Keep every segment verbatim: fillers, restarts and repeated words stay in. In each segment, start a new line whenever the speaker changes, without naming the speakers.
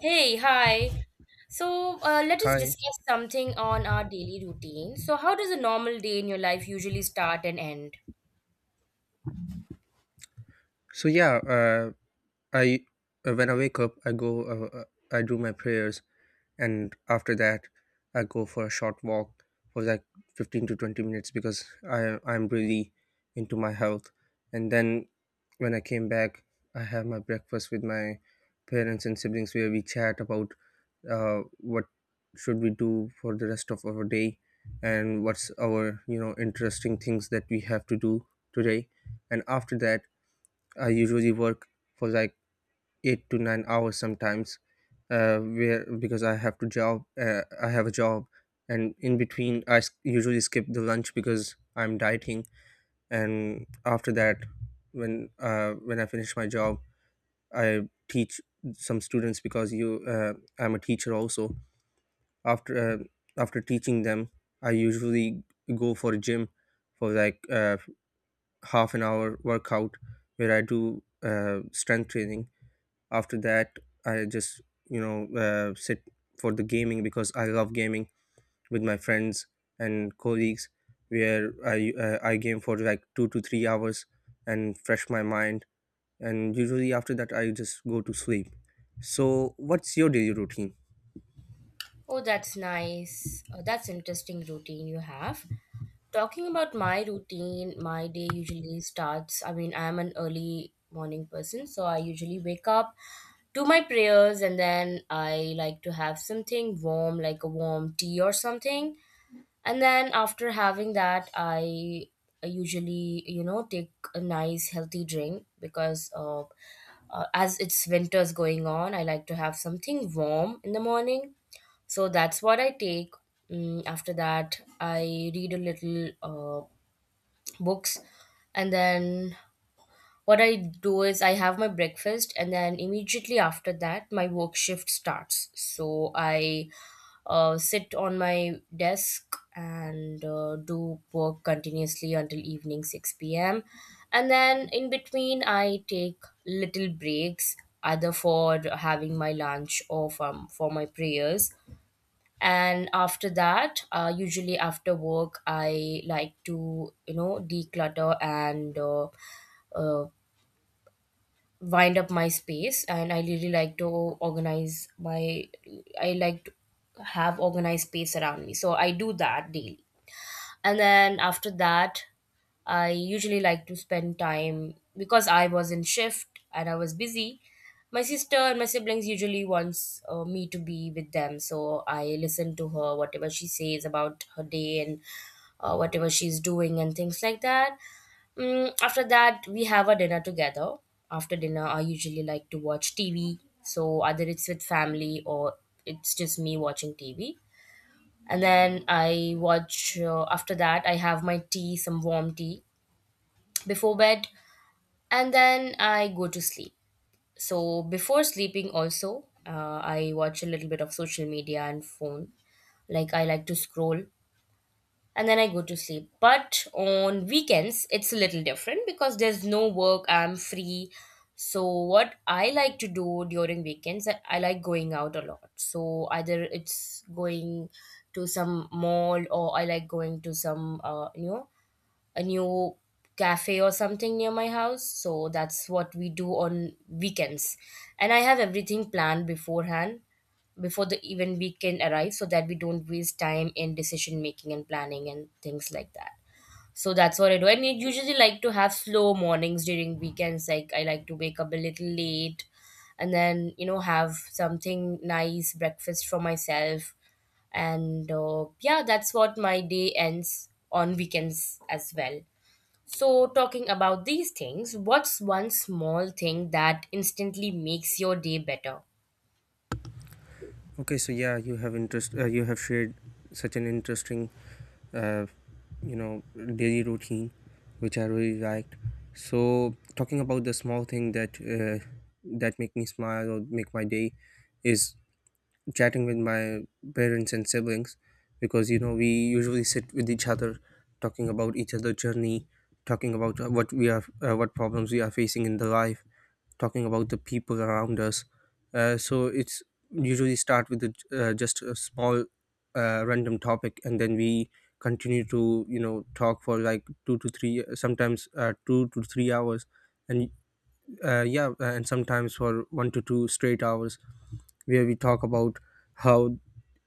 Hey, hi. So, uh, let us
Hi.
discuss something on our daily routine. So, how does a normal day in your life usually start and end?
So yeah, uh, I uh, when I wake up, I go, uh, uh, I do my prayers, and after that, I go for a short walk for like fifteen to twenty minutes because I I'm really into my health. And then when I came back, I have my breakfast with my parents and siblings, where we chat about uh, what should we do for the rest of our day and what's our you know interesting things that we have to do today. And after that, I usually work for like eight to nine hours sometimes, uh, where because I have to job, uh, I have a job, and in between I s- usually skip the lunch because I'm dieting. And after that, when uh, when I finish my job, I teach some students because you uh, I'm a teacher also. After uh, After teaching them, I usually go for a gym for like uh, half an hour workout, where I do uh, strength training. After that, I just you know uh, sit for the gaming because I love gaming with my friends and colleagues, where i uh, I game for like two to three hours and fresh my mind. And usually after that I just go to sleep. So what's your daily routine?
Oh, that's nice. Oh, that's interesting routine you have. Talking about my routine, my day usually starts. I mean, I am an early morning person, so I usually wake up, do my prayers, and then I like to have something warm, like a warm tea or something. And then after having that, I usually, you know, take a nice healthy drink because uh, uh, as it's winter's going on, I like to have something warm in the morning, so that's what I take. Mm, after that I read a little uh, books, and then what I do is I have my breakfast, and then immediately after that, my work shift starts. So I uh, sit on my desk and uh, do work continuously until evening six p m. And then in between, I take little breaks, either for having my lunch or from, for my prayers. And after that, uh, usually after work, I like to, you know, declutter and uh, uh, wind up my space, and I really like to organize my, i like to have organized space around me, so I do that daily. And then after that, I usually like to spend time because I was in shift and I was busy. My sister and my siblings usually wants uh, me to be with them, so I listen to her whatever she says about her day, and uh, whatever she's doing and things like that. Mm, after that, we have a dinner together. After dinner, I usually like to watch T V. So either it's with family or it's just me watching T V. And then I watch. Uh, after that, I have my tea, some warm tea before bed, and then I go to sleep. So before sleeping, also uh, I watch a little bit of social media and phone. Like I like to scroll, and then I go to sleep. But on weekends, it's a little different because there's no work, I'm free. So, what I like to do during weekends, I I like going out a lot. So, either it's going to some mall, or I like going to some, uh, you know, a new cafe or something near my house. So that's what we do on weekends. And I have everything planned beforehand before the even weekend arrives so that we don't waste time in decision making and planning and things like that. So that's what I do. And I usually like to have slow mornings during weekends. Like I like to wake up a little late, and then, you know, have something nice breakfast for myself. And uh, yeah, that's what my day ends on weekends as well. So, talking about these things, what's one small thing that instantly makes your day better?
Okay, so yeah, you have interest. Uh, you have shared such an interesting, uh, you know, daily routine, which I really liked. So talking about the small thing that uh, that make me smile or make my day is chatting with my parents and siblings, because you know we usually sit with each other, talking about each other's journey, talking about uh, what we are uh, what problems we are facing in the life, talking about the people around us. Uh, so it's usually start with the, uh, just a small uh, random topic, and then we continue to you know talk for like two to three, sometimes uh, two to three hours. And uh, yeah, and sometimes for one to two straight hours, where we talk about how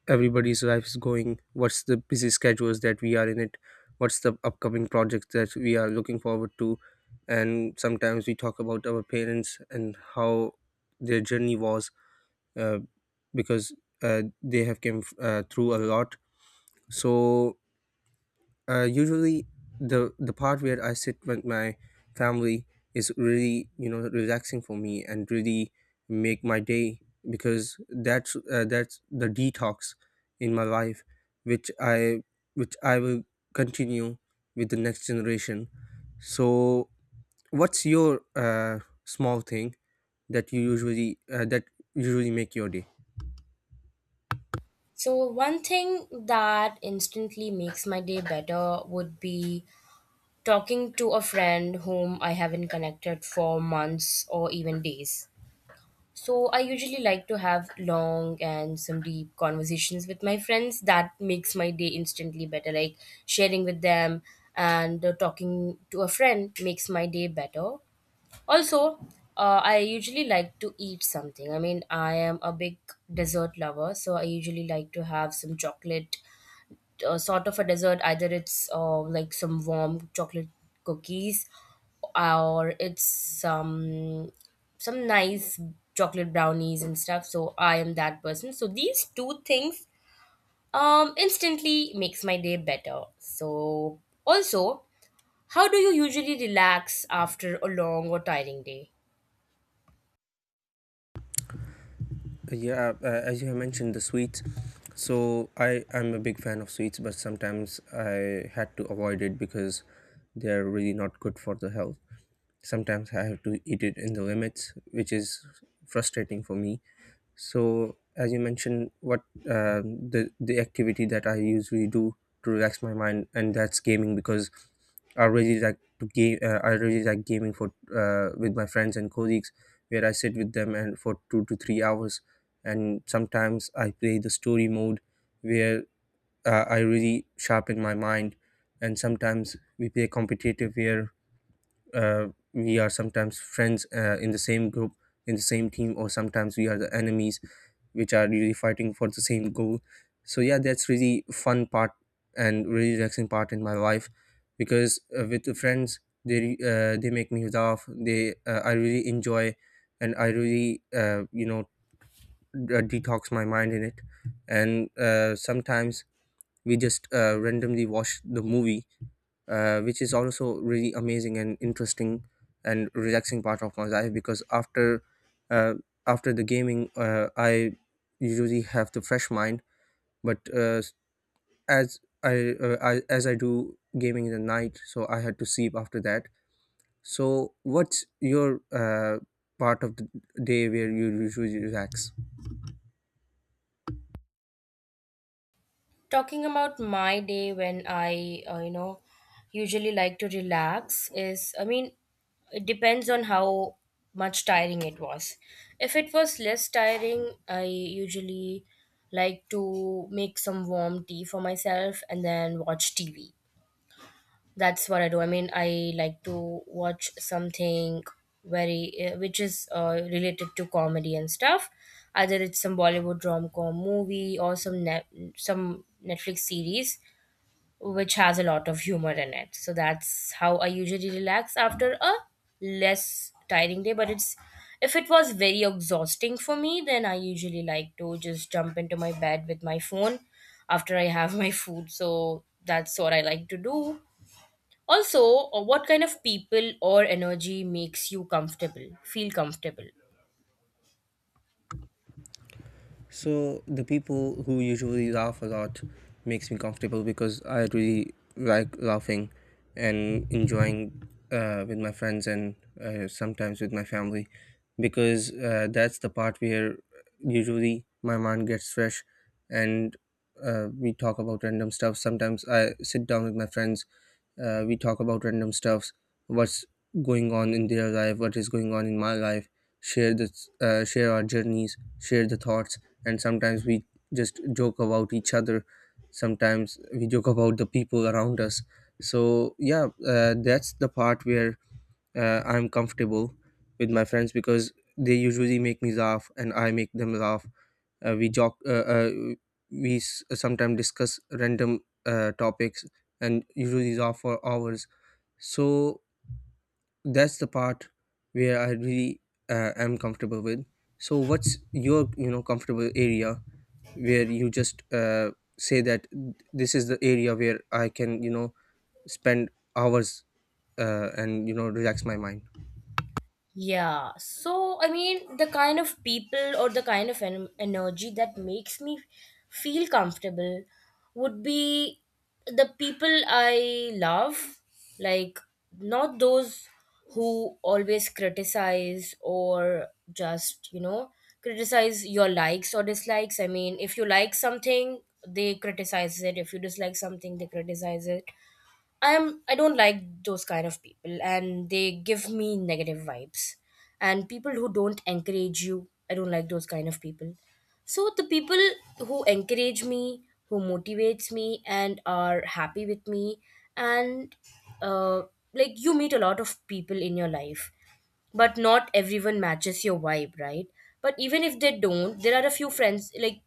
everybody's life is going, what's the busy schedules that we are in it, what's the upcoming projects that we are looking forward to. And sometimes we talk about our parents and how their journey was, uh, because uh, they have came uh, through a lot. So uh, usually, the the part where I sit with my family is really you know relaxing for me and really make my day, because that's uh, that's the detox in my life, which I which I will continue with the next generation. So what's your uh, small thing that you usually uh, that usually make your day?
So, one thing that instantly makes my day better would be talking to a friend whom I haven't connected for months or even days. So, I usually like to have long and some deep conversations with my friends. That makes my day instantly better. Like sharing with them, and uh, talking to a friend makes my day better. Also, uh, I usually like to eat something. I mean, I am a big dessert lover, so I usually like to have some chocolate, uh, sort of a dessert. Either it's uh, like some warm chocolate cookies, or it's some some nice chocolate brownies and stuff. So I am that person. So these two things um instantly makes my day better. So also, how do you usually relax after a long or tiring day?
Yeah, uh, uh, as you have mentioned, the sweets. So I am a big fan of sweets, but sometimes I had to avoid it because they're really not good for the health. Sometimes I have to eat it in the limits, which is frustrating for me. So, as you mentioned, what uh, the the activity that I usually do to relax my mind, and that's gaming because I really like to game. Uh, I really like gaming for uh, with my friends and colleagues, where I sit with them and for two to three hours, and sometimes I play the story mode, where uh, I really sharpen my mind. And sometimes we play competitive, where uh, we are sometimes friends uh, in the same group, in the same team, or sometimes we are the enemies, which are really fighting for the same goal. So yeah, that's really fun part and really relaxing part in my life, because uh, with the friends, they re- uh, they make me laugh, they uh, I really enjoy, and I really uh, you know uh, detox my mind in it. And uh, sometimes we just uh, randomly watch the movie, uh, which is also really amazing and interesting and relaxing part of my life, because after uh, after the gaming, uh, I usually have the fresh mind. But uh, as I, uh, I as I do gaming in the night, so I had to sleep after that. So what's your uh, part of the day where you usually relax?
Talking about my day when I uh, you know usually like to relax is, I mean, it depends on how much tiring it was. If it was less tiring, I usually like to make some warm tea for myself and then watch TV. That's what I do. I mean, I like to watch something very uh, which is uh, related to comedy and stuff. Either it's some Bollywood rom com movie or some net some Netflix series which has a lot of humor in it. So that's how I usually relax after a less tiring day. But it's, if it was very exhausting for me, then I usually like to just jump into my bed with my phone after I have my food. So that's what I like to do. Also, uh, what kind of people or energy makes you comfortable, feel comfortable?
So the people who usually laugh a lot makes me comfortable because I really like laughing and enjoying uh, with my friends and uh, sometimes with my family, because uh, that's the part where usually my mind gets fresh. And uh, we talk about random stuff. Sometimes I sit down with my friends, uh, we talk about random stuffs, what's going on in their life, what is going on in my life, share the uh, share our journeys, share the thoughts, and sometimes we just joke about each other. Sometimes we joke about the people around us. So yeah, uh, that's the part where uh, I'm comfortable with my friends, because they usually make me laugh and I make them laugh. Uh, we jog uh, uh, we s- sometimes discuss random uh, topics, and usually these are for hours. So that's the part where I really uh, am comfortable with. So what's your you know comfortable area where you just uh, say that this is the area where I can you know spend hours uh, and you know relax my mind?
Yeah, so I mean, the kind of people or the kind of en- energy that makes me feel comfortable would be the people I love, like not those who always criticize or just, you know, criticize your likes or dislikes. I mean, if you like something, they criticize it; if you dislike something, they criticize it. I am I don't like those kind of people, and they give me negative vibes. And people who don't encourage you, I don't like those kind of people. So the people who encourage me, who motivates me and are happy with me, and uh, like, you meet a lot of people in your life, but not everyone matches your vibe, right? But even if they don't, there are a few friends, like,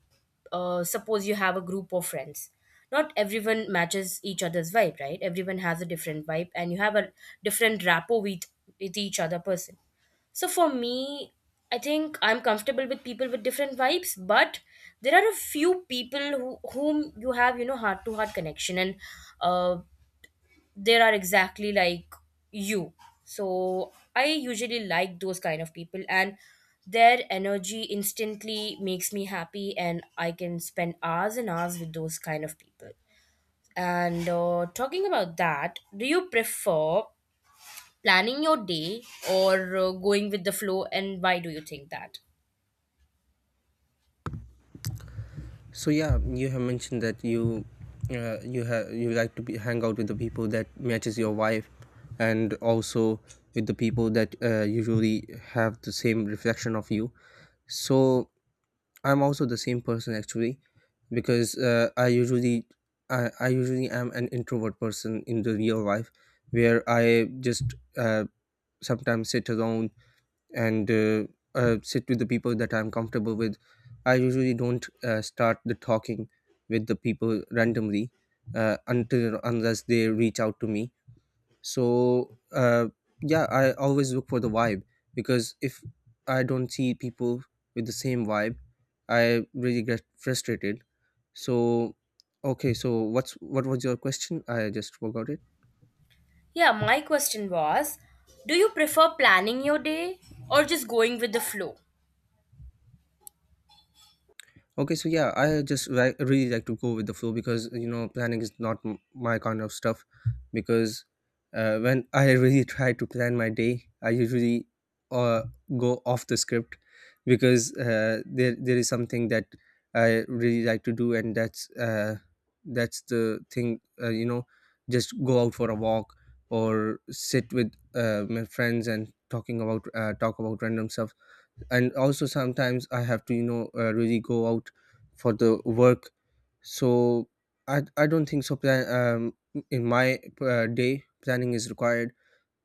uh, suppose you have a group of friends, not everyone matches each other's vibe, right? Everyone has a different vibe, and you have a different rapport with with each other person. So for me, I think I'm comfortable with people with different vibes, but there are a few people who, whom you have, you know, heart to heart connection, and uh, they are exactly like you. So I usually like those kind of people, and their energy instantly makes me happy, and I can spend hours and hours with those kind of people. And uh, talking about that, do you prefer planning your day, or uh, going with the flow, and why do you think that?
So yeah, you have mentioned that you uh, you have you like to be, hang out with the people that matches your wife, and also with the people that uh, usually have the same reflection of you. So I'm also the same person actually, because uh, I usually I, I usually am an introvert person in the real life, where I just uh, sometimes sit alone, and uh, uh, sit with the people that I'm comfortable with. I usually don't uh, start the talking with the people randomly uh, until unless they reach out to me. So uh, yeah, I always look for the vibe, because if I don't see people with the same vibe, I really get frustrated. So okay, so what's what was your question? I just forgot it.
Yeah, my question was, do you prefer planning your day or just going with the flow?
Okay, so yeah, I just ri- really like to go with the flow because you know planning is not m- my kind of stuff. Because uh, when I really try to plan my day, I usually uh, go off the script, because uh, there there is something that I really like to do, and that's uh, that's the thing. Uh, you know, just go out for a walk or sit with uh, my friends and talking about uh, talk about random stuff. And also sometimes I have to you know uh, really go out for the work. So i i don't think so plan um in my uh, day planning is required,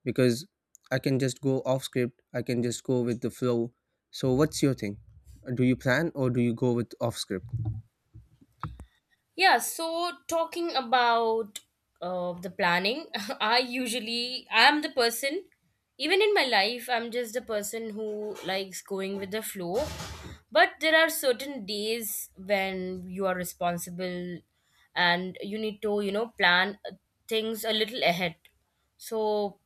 because I can just go off script, I can just go with the flow. So what's your thing? Do you plan or do you go with off script?
Yeah, so talking about uh, the planning, I usually I'm the person, even in my life I'm just the person who likes going with the flow. But there are certain days when you are responsible and you need to, you know, plan uh, things a little ahead. So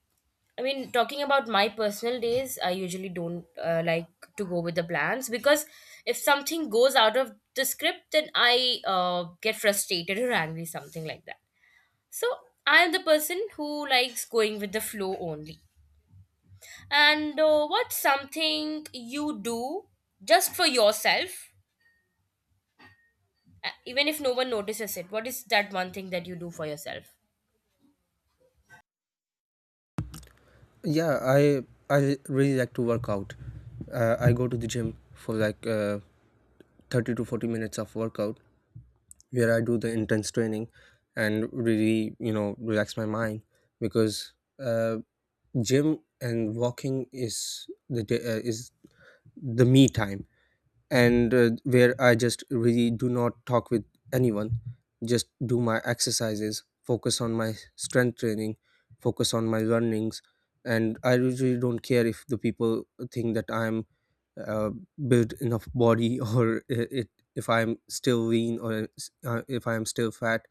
I mean, talking about my personal days, I usually don't uh, like to go with the plans, because if something goes out of the script, then I uh, get frustrated or angry, something like that. So I am the person who likes going with the flow only. And uh, what's something you do just for yourself, uh, even if no one notices it? What is that one thing that you do for yourself?
Yeah, i i really like to work out. uh, I go to the gym for like uh, thirty to forty minutes of workout, where I do the intense training and really, you know, relax my mind, because uh, gym and walking is the day, uh, is the me time. And uh, where I just really do not talk with anyone, just do my exercises, focus on my strength training, focus on my runnings. And I usually don't care if the people think that I'm uh, built enough body or I- it if I'm still lean or uh, if I'm still fat.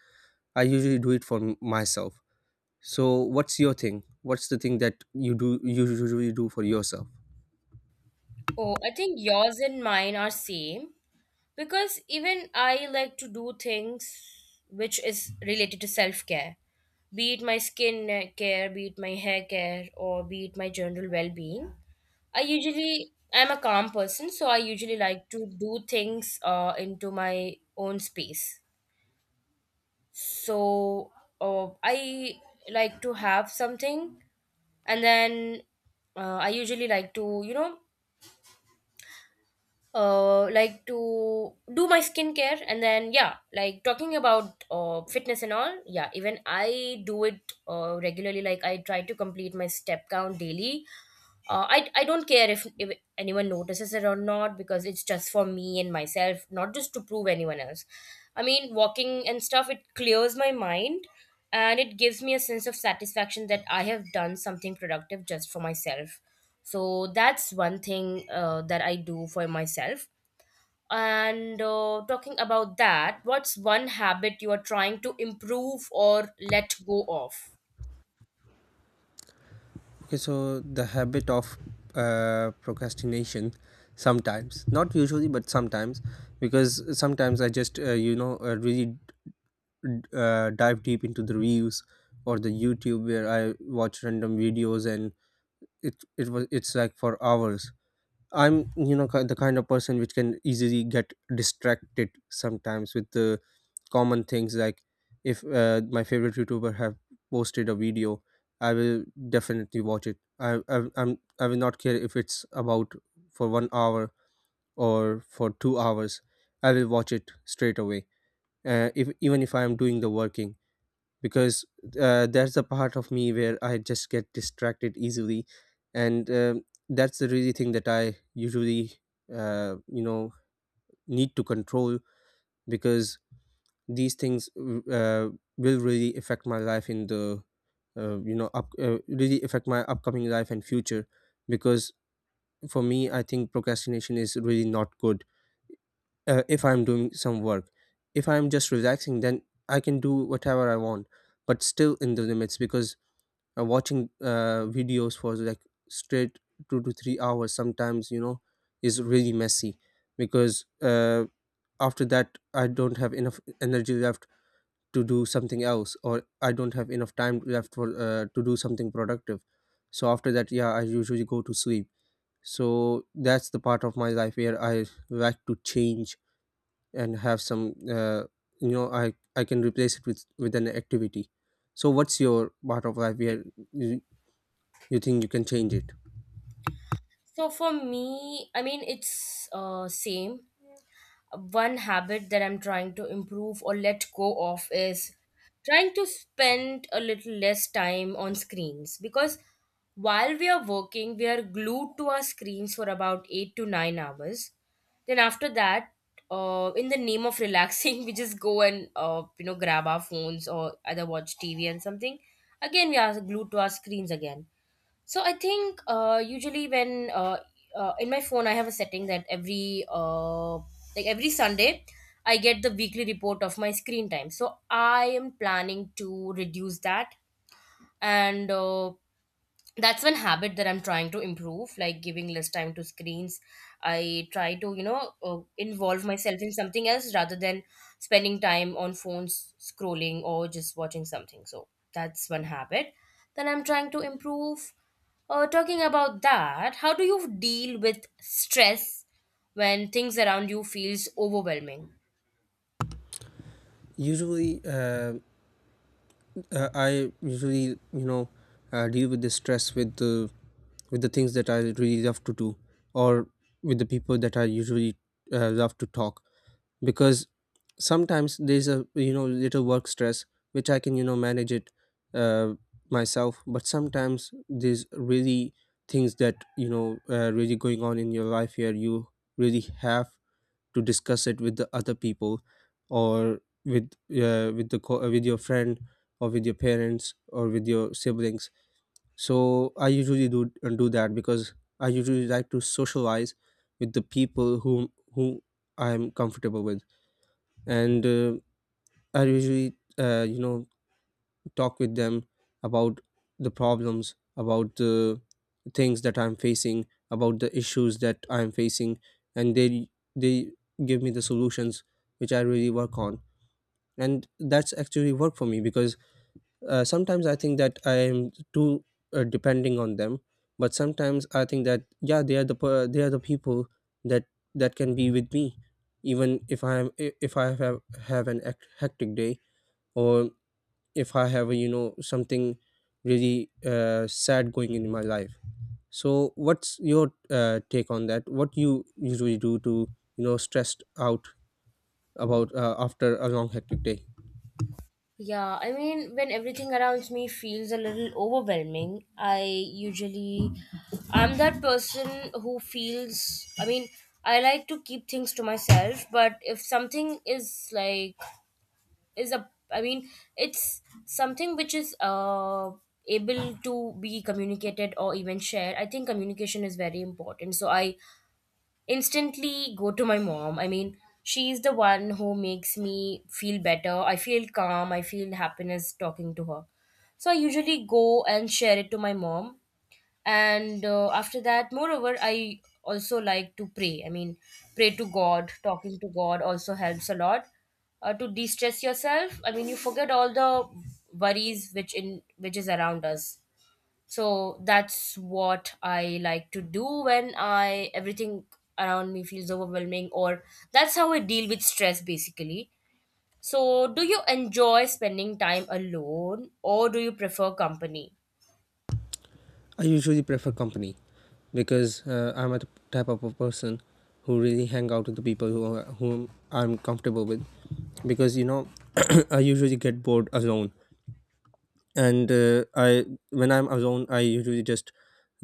I usually do it for m- myself. So what's your thing? What's the thing that you do you usually do for yourself?
Oh, I think yours and mine are same. Because even I like to do things which is related to self-care, be it my skin care, be it my hair care, or be it my general well-being. i usually I'm a calm person, so I usually like to do things uh, into my own space. So uh, I like to have something, and then uh, I usually like to, you know, uh like to do my skincare. And then, yeah, like, talking about uh fitness and all, yeah, even I do it uh regularly. Like, I try to complete my step count daily. Uh i i don't care if, if anyone notices it or not, because it's just for me and myself, not just to prove anyone else. I mean, walking and stuff, it clears my mind, and it gives me a sense of satisfaction that I have done something productive just for myself. So that's one thing uh, that I do for myself. And uh, talking about that, what's one habit you are trying to improve or let go of?
Okay, so the habit of uh, procrastination sometimes, not usually, but sometimes, because sometimes I just uh, you know uh, really uh, dive deep into the reels or the YouTube where I watch random videos, and it it was it's like for hours. I'm you know ki- the kind of person which can easily get distracted sometimes with the common things like if uh, my favorite youtuber have posted a video, I will definitely watch it. I, I i'm i will not care if it's about for one hour or for two hours, I will watch it straight away, uh, if even if I am doing the working, because uh, that's a part of me where I just get distracted easily, and um that's the really thing that I usually uh, you know need to control, because these things uh, will really affect my life in the uh, you know up, uh, really affect my upcoming life and future, because for me I think procrastination is really not good. Uh, if I'm doing some work, if I'm just relaxing, then I can do whatever I want, but still in the limits, because uh, watching uh, videos for like straight two to three hours sometimes, you know, is really messy, because uh, after that I don't have enough energy left to do something else, or I don't have enough time left for uh, to do something productive. So after that, yeah, I usually go to sleep. So that's the part of my life where I like to change and have some uh, you know I i can replace it with with an activity. So what's your part of life where you, you think you can change it?
So for me, I mean, it's uh, same. One habit that I'm trying to improve or let go of is trying to spend a little less time on screens, because while we are working, we are glued to our screens for about eight to nine hours. Then after that, uh, in the name of relaxing, we just go and uh, you know, grab our phones, or either watch T V and something. Again, we are glued to our screens again. So I think uh, usually when uh, uh, in my phone I have a setting that every uh, like every Sunday I get the weekly report of my screen time. So I am planning to reduce that and uh, that's one habit that I'm trying to improve, like giving less time to screens. I try to you know uh, involve myself in something else rather than spending time on phones scrolling or just watching something. So that's one habit that I'm trying to improve. Uh, talking about that, how do you deal with stress when things around you feels overwhelming?
Usually, uh, uh, i usually, you know uh, deal with the stress with the, with the things that I really love to do, or with the people that I usually uh, love to talk, because sometimes there's a, you know, little work stress which I can, you know, manage it uh, myself. But sometimes there's really things that, you know, uh, really going on in your life where you really have to discuss it with the other people, or with uh, with the co- uh, with your friend, or with your parents, or with your siblings. So I usually do uh, do that, because I usually like to socialize with the people whom who I'm comfortable with, and uh, I usually uh, you know talk with them about the problems, about the things that I'm facing, about the issues that I'm facing, and they they give me the solutions which I really work on. And that's actually work for me, because uh, sometimes I think that I am too uh, depending on them, but sometimes I think that yeah, they are the per- they are the people that that can be with me even if I'm i- if I have have an hec- hectic day, or if I have a, you know, something really uh, sad going in my life. So what's your uh, take on that? What you usually do to, you know, stressed out about uh, after a long hectic day?
Yeah, I mean, when everything around me feels a little overwhelming, I usually, I'm that person who feels, I mean, I like to keep things to myself, but if something is like is a I mean, it's something which is uh able to be communicated or even shared. I think communication is very important. So I instantly go to my mom. I mean, she's the one who makes me feel better. I feel calm. I feel happiness talking to her. So I usually go and share it to my mom. And uh, After that, moreover, I also like to pray. I mean, pray to God. Talking to God also helps a lot uh, to de-stress yourself. I mean, you forget all the worries which in which is around us. So that's what I like to do when I everything around me feels overwhelming, or that's how I deal with stress basically. So do you enjoy spending time alone or do you prefer company?
I usually prefer company, because uh, I'm a type of a person who really hang out with the people who are, whom I'm comfortable with, because, you know, I usually get bored alone, and uh, I when I'm alone, I usually just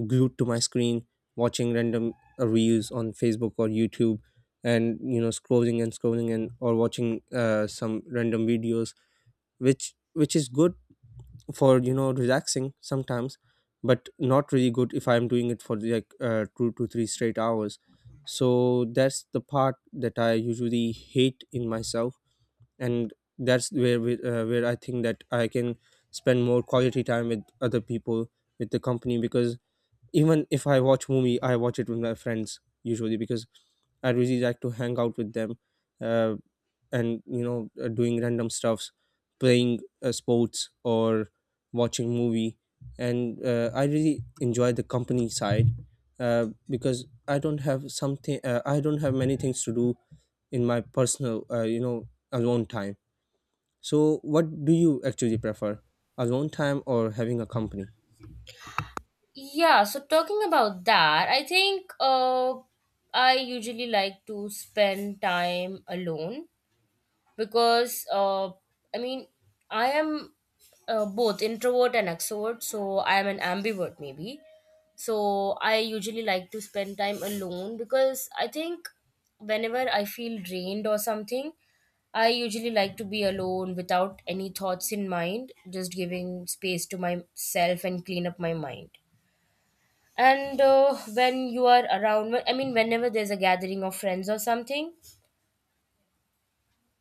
glued to my screen watching random uh, reels on facebook or youtube, and, you know, scrolling and scrolling, and or watching uh, some random videos, which which is good for, you know, relaxing sometimes, but not really good if I'm doing it for like uh, two to three straight hours. So that's the part that I usually hate in myself, and that's where we, uh, where I think that I can spend more quality time with other people, with the company, because even if I watch movie, I watch it with my friends usually because I really like to hang out with them, uh, and, you know, uh, doing random stuffs, playing uh, sports or watching movie, and uh, I really enjoy the company side, uh, because I don't have something, uh, I don't have many things to do in my personal, uh, you know, alone time. So what do you actually prefer, alone time or having a company?
Yeah, so talking about that, i think uh i usually like to spend time alone, because uh, I mean, I am uh, both introvert and extrovert, so I am an ambivert maybe. So I usually like to spend time alone because I think whenever I feel drained or something, I usually like to be alone without any thoughts in mind, just giving space to myself and clean up my mind. And uh, When you are around, I mean, whenever there's a gathering of friends or something,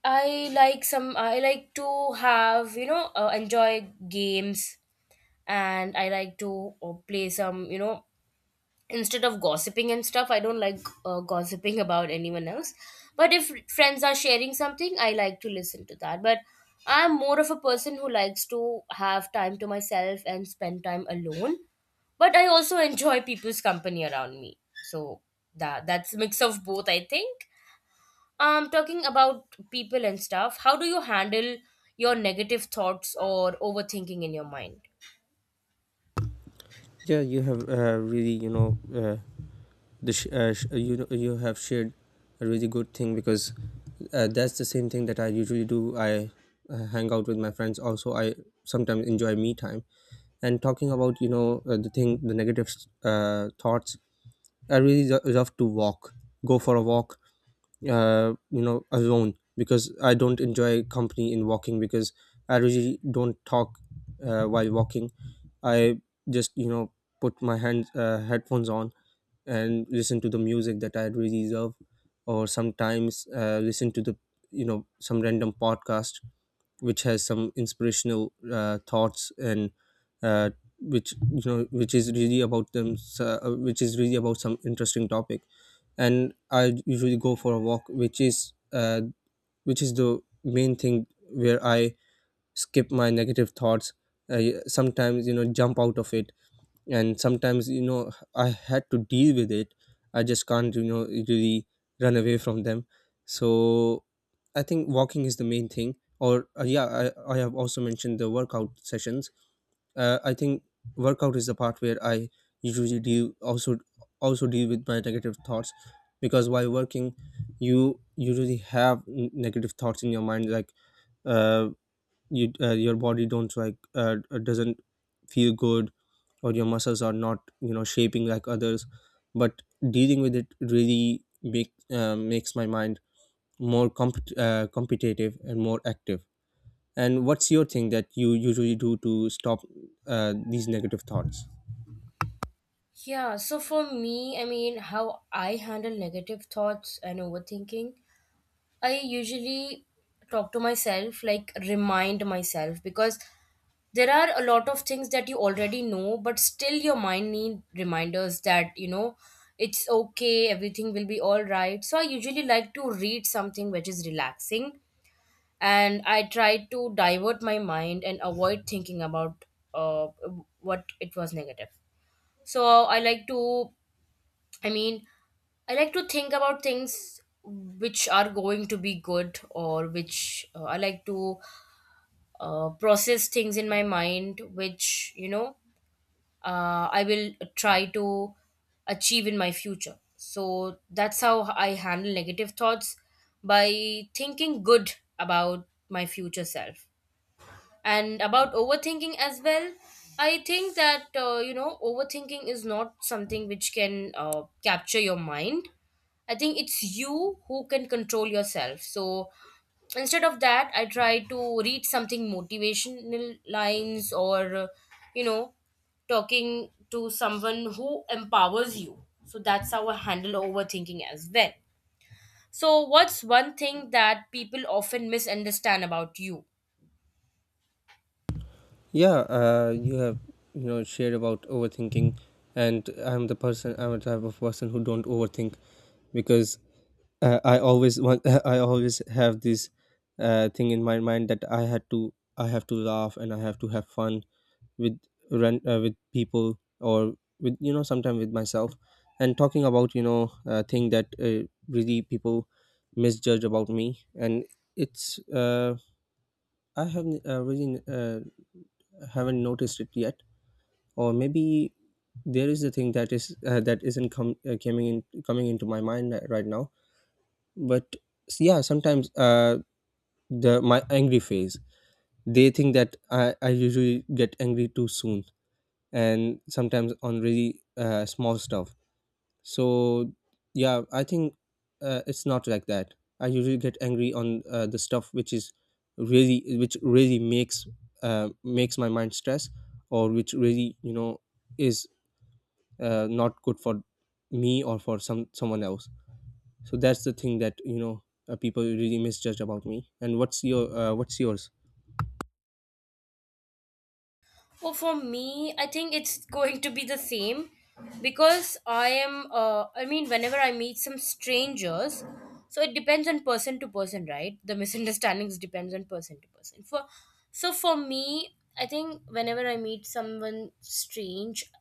I like some. I like to have you know uh, enjoy games, and I like to uh, play some, you know, instead of gossiping and stuff. I don't like uh, gossiping about anyone else. But if friends are sharing something, I like to listen to that. But I'm more of a person who likes to have time to myself and spend time alone. But I also enjoy people's company around me. So that that's a mix of both, I think. Um, talking about people and stuff, how do you handle your negative thoughts or overthinking in your mind?
Yeah, you have uh, really, you know, uh, the sh- uh, sh- uh, you know, you have shared a really good thing because uh, that's the same thing that I usually do. I uh, hang out with my friends. Also, I sometimes enjoy me time. And talking about, you know, uh, the thing, the negative uh, thoughts. I really lo- love to walk, go for a walk, uh, you know, alone, because I don't enjoy company in walking, because I really don't talk uh, while walking. I just, you know, put my hands, uh, headphones on, and listen to the music that I really love, or sometimes uh, listen to the, you know, some random podcast which has some inspirational uh, thoughts, and uh, which, you know, which is really about them, so, uh, which is really about some interesting topic. And I usually go for a walk, which is uh, which is the main thing where I skip my negative thoughts. I sometimes, you know, jump out of it, and sometimes, you know, I had to deal with it. I just can't, you know, really run away from them. So I think walking is the main thing, or uh, yeah, I, I have also mentioned the workout sessions. uh, I think workout is the part where I usually deal also also deal with my negative thoughts, because while working you usually have n- negative thoughts in your mind, like, uh, you uh, your body don't like uh, uh, doesn't feel good, or your muscles are not, you know, shaping like others, but dealing with it really make uh, makes my mind more compet- uh, competitive and more active. And what's your thing that you usually do to stop uh, these negative thoughts?
Yeah, so for me, I mean, how I handle negative thoughts and overthinking, I usually talk to myself, like remind myself, because there are a lot of things that you already know, but still your mind need reminders that, you know, it's okay, everything will be all right. So I usually like to read something which is relaxing, and I tried to divert my mind and avoid thinking about uh, what it was negative. So I like to, I mean, I like to think about things which are going to be good, or which uh, I like to uh, process things in my mind which, you know, uh, I will try to achieve in my future. So that's how I handle negative thoughts, by thinking good about my future self. And about overthinking as well, I think that uh, you know, overthinking is not something which can uh, capture your mind. I think it's you who can control yourself. So instead of that, I try to read something motivational lines, or uh, you know, talking to someone who empowers you. So that's how I handle overthinking as well. So what's one thing that people often misunderstand about you?
Yeah, uh, you have, you know, shared about overthinking, and i'm the person I'm the type of person who don't overthink, because uh, I always want I always have this uh, thing in my mind that I had to I have to laugh and I have to have fun with run uh, with people, or with, you know, sometimes with myself. And talking about, you know, uh, thing that uh, really people misjudge about me, and it's uh, I haven't uh, really uh, haven't noticed it yet, or maybe there is a thing that is uh, that isn't com- uh, coming in coming into my mind ri- right now. But s- yeah, sometimes uh the my angry phase, they think that i, I usually get angry too soon, and sometimes on really uh, small stuff. So yeah, I think uh, it's not like that I usually get angry on uh, the stuff which is really which really makes uh, makes my mind stress, or which really, you know, is uh, not good for me or for some someone else. So that's the thing that, you know, uh, people really misjudge about me. And what's your uh, what's yours?
Well, for me, I think it's going to be the same because I am, uh, I mean, whenever I meet some strangers, so it depends on person to person, right? The misunderstandings depends on person to person. For so for me, I think whenever I meet someone strange,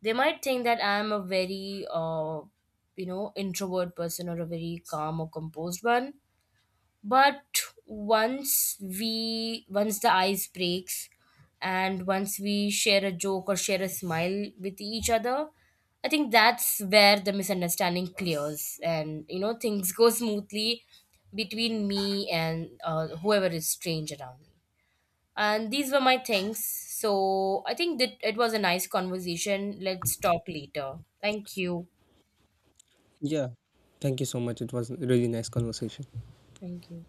they might think that I am a very, uh, you know, introvert person, or a very calm or composed one. But once we once the ice breaks and once we share a joke or share a smile with each other, I think that's where the misunderstanding clears, and you know, things go smoothly between me and uh, whoever is strange around me. And these were my things, so I think that it was a nice conversation. Let's talk later. Thank you.
Yeah. Thank you so much. It was a really nice conversation.
Thank you.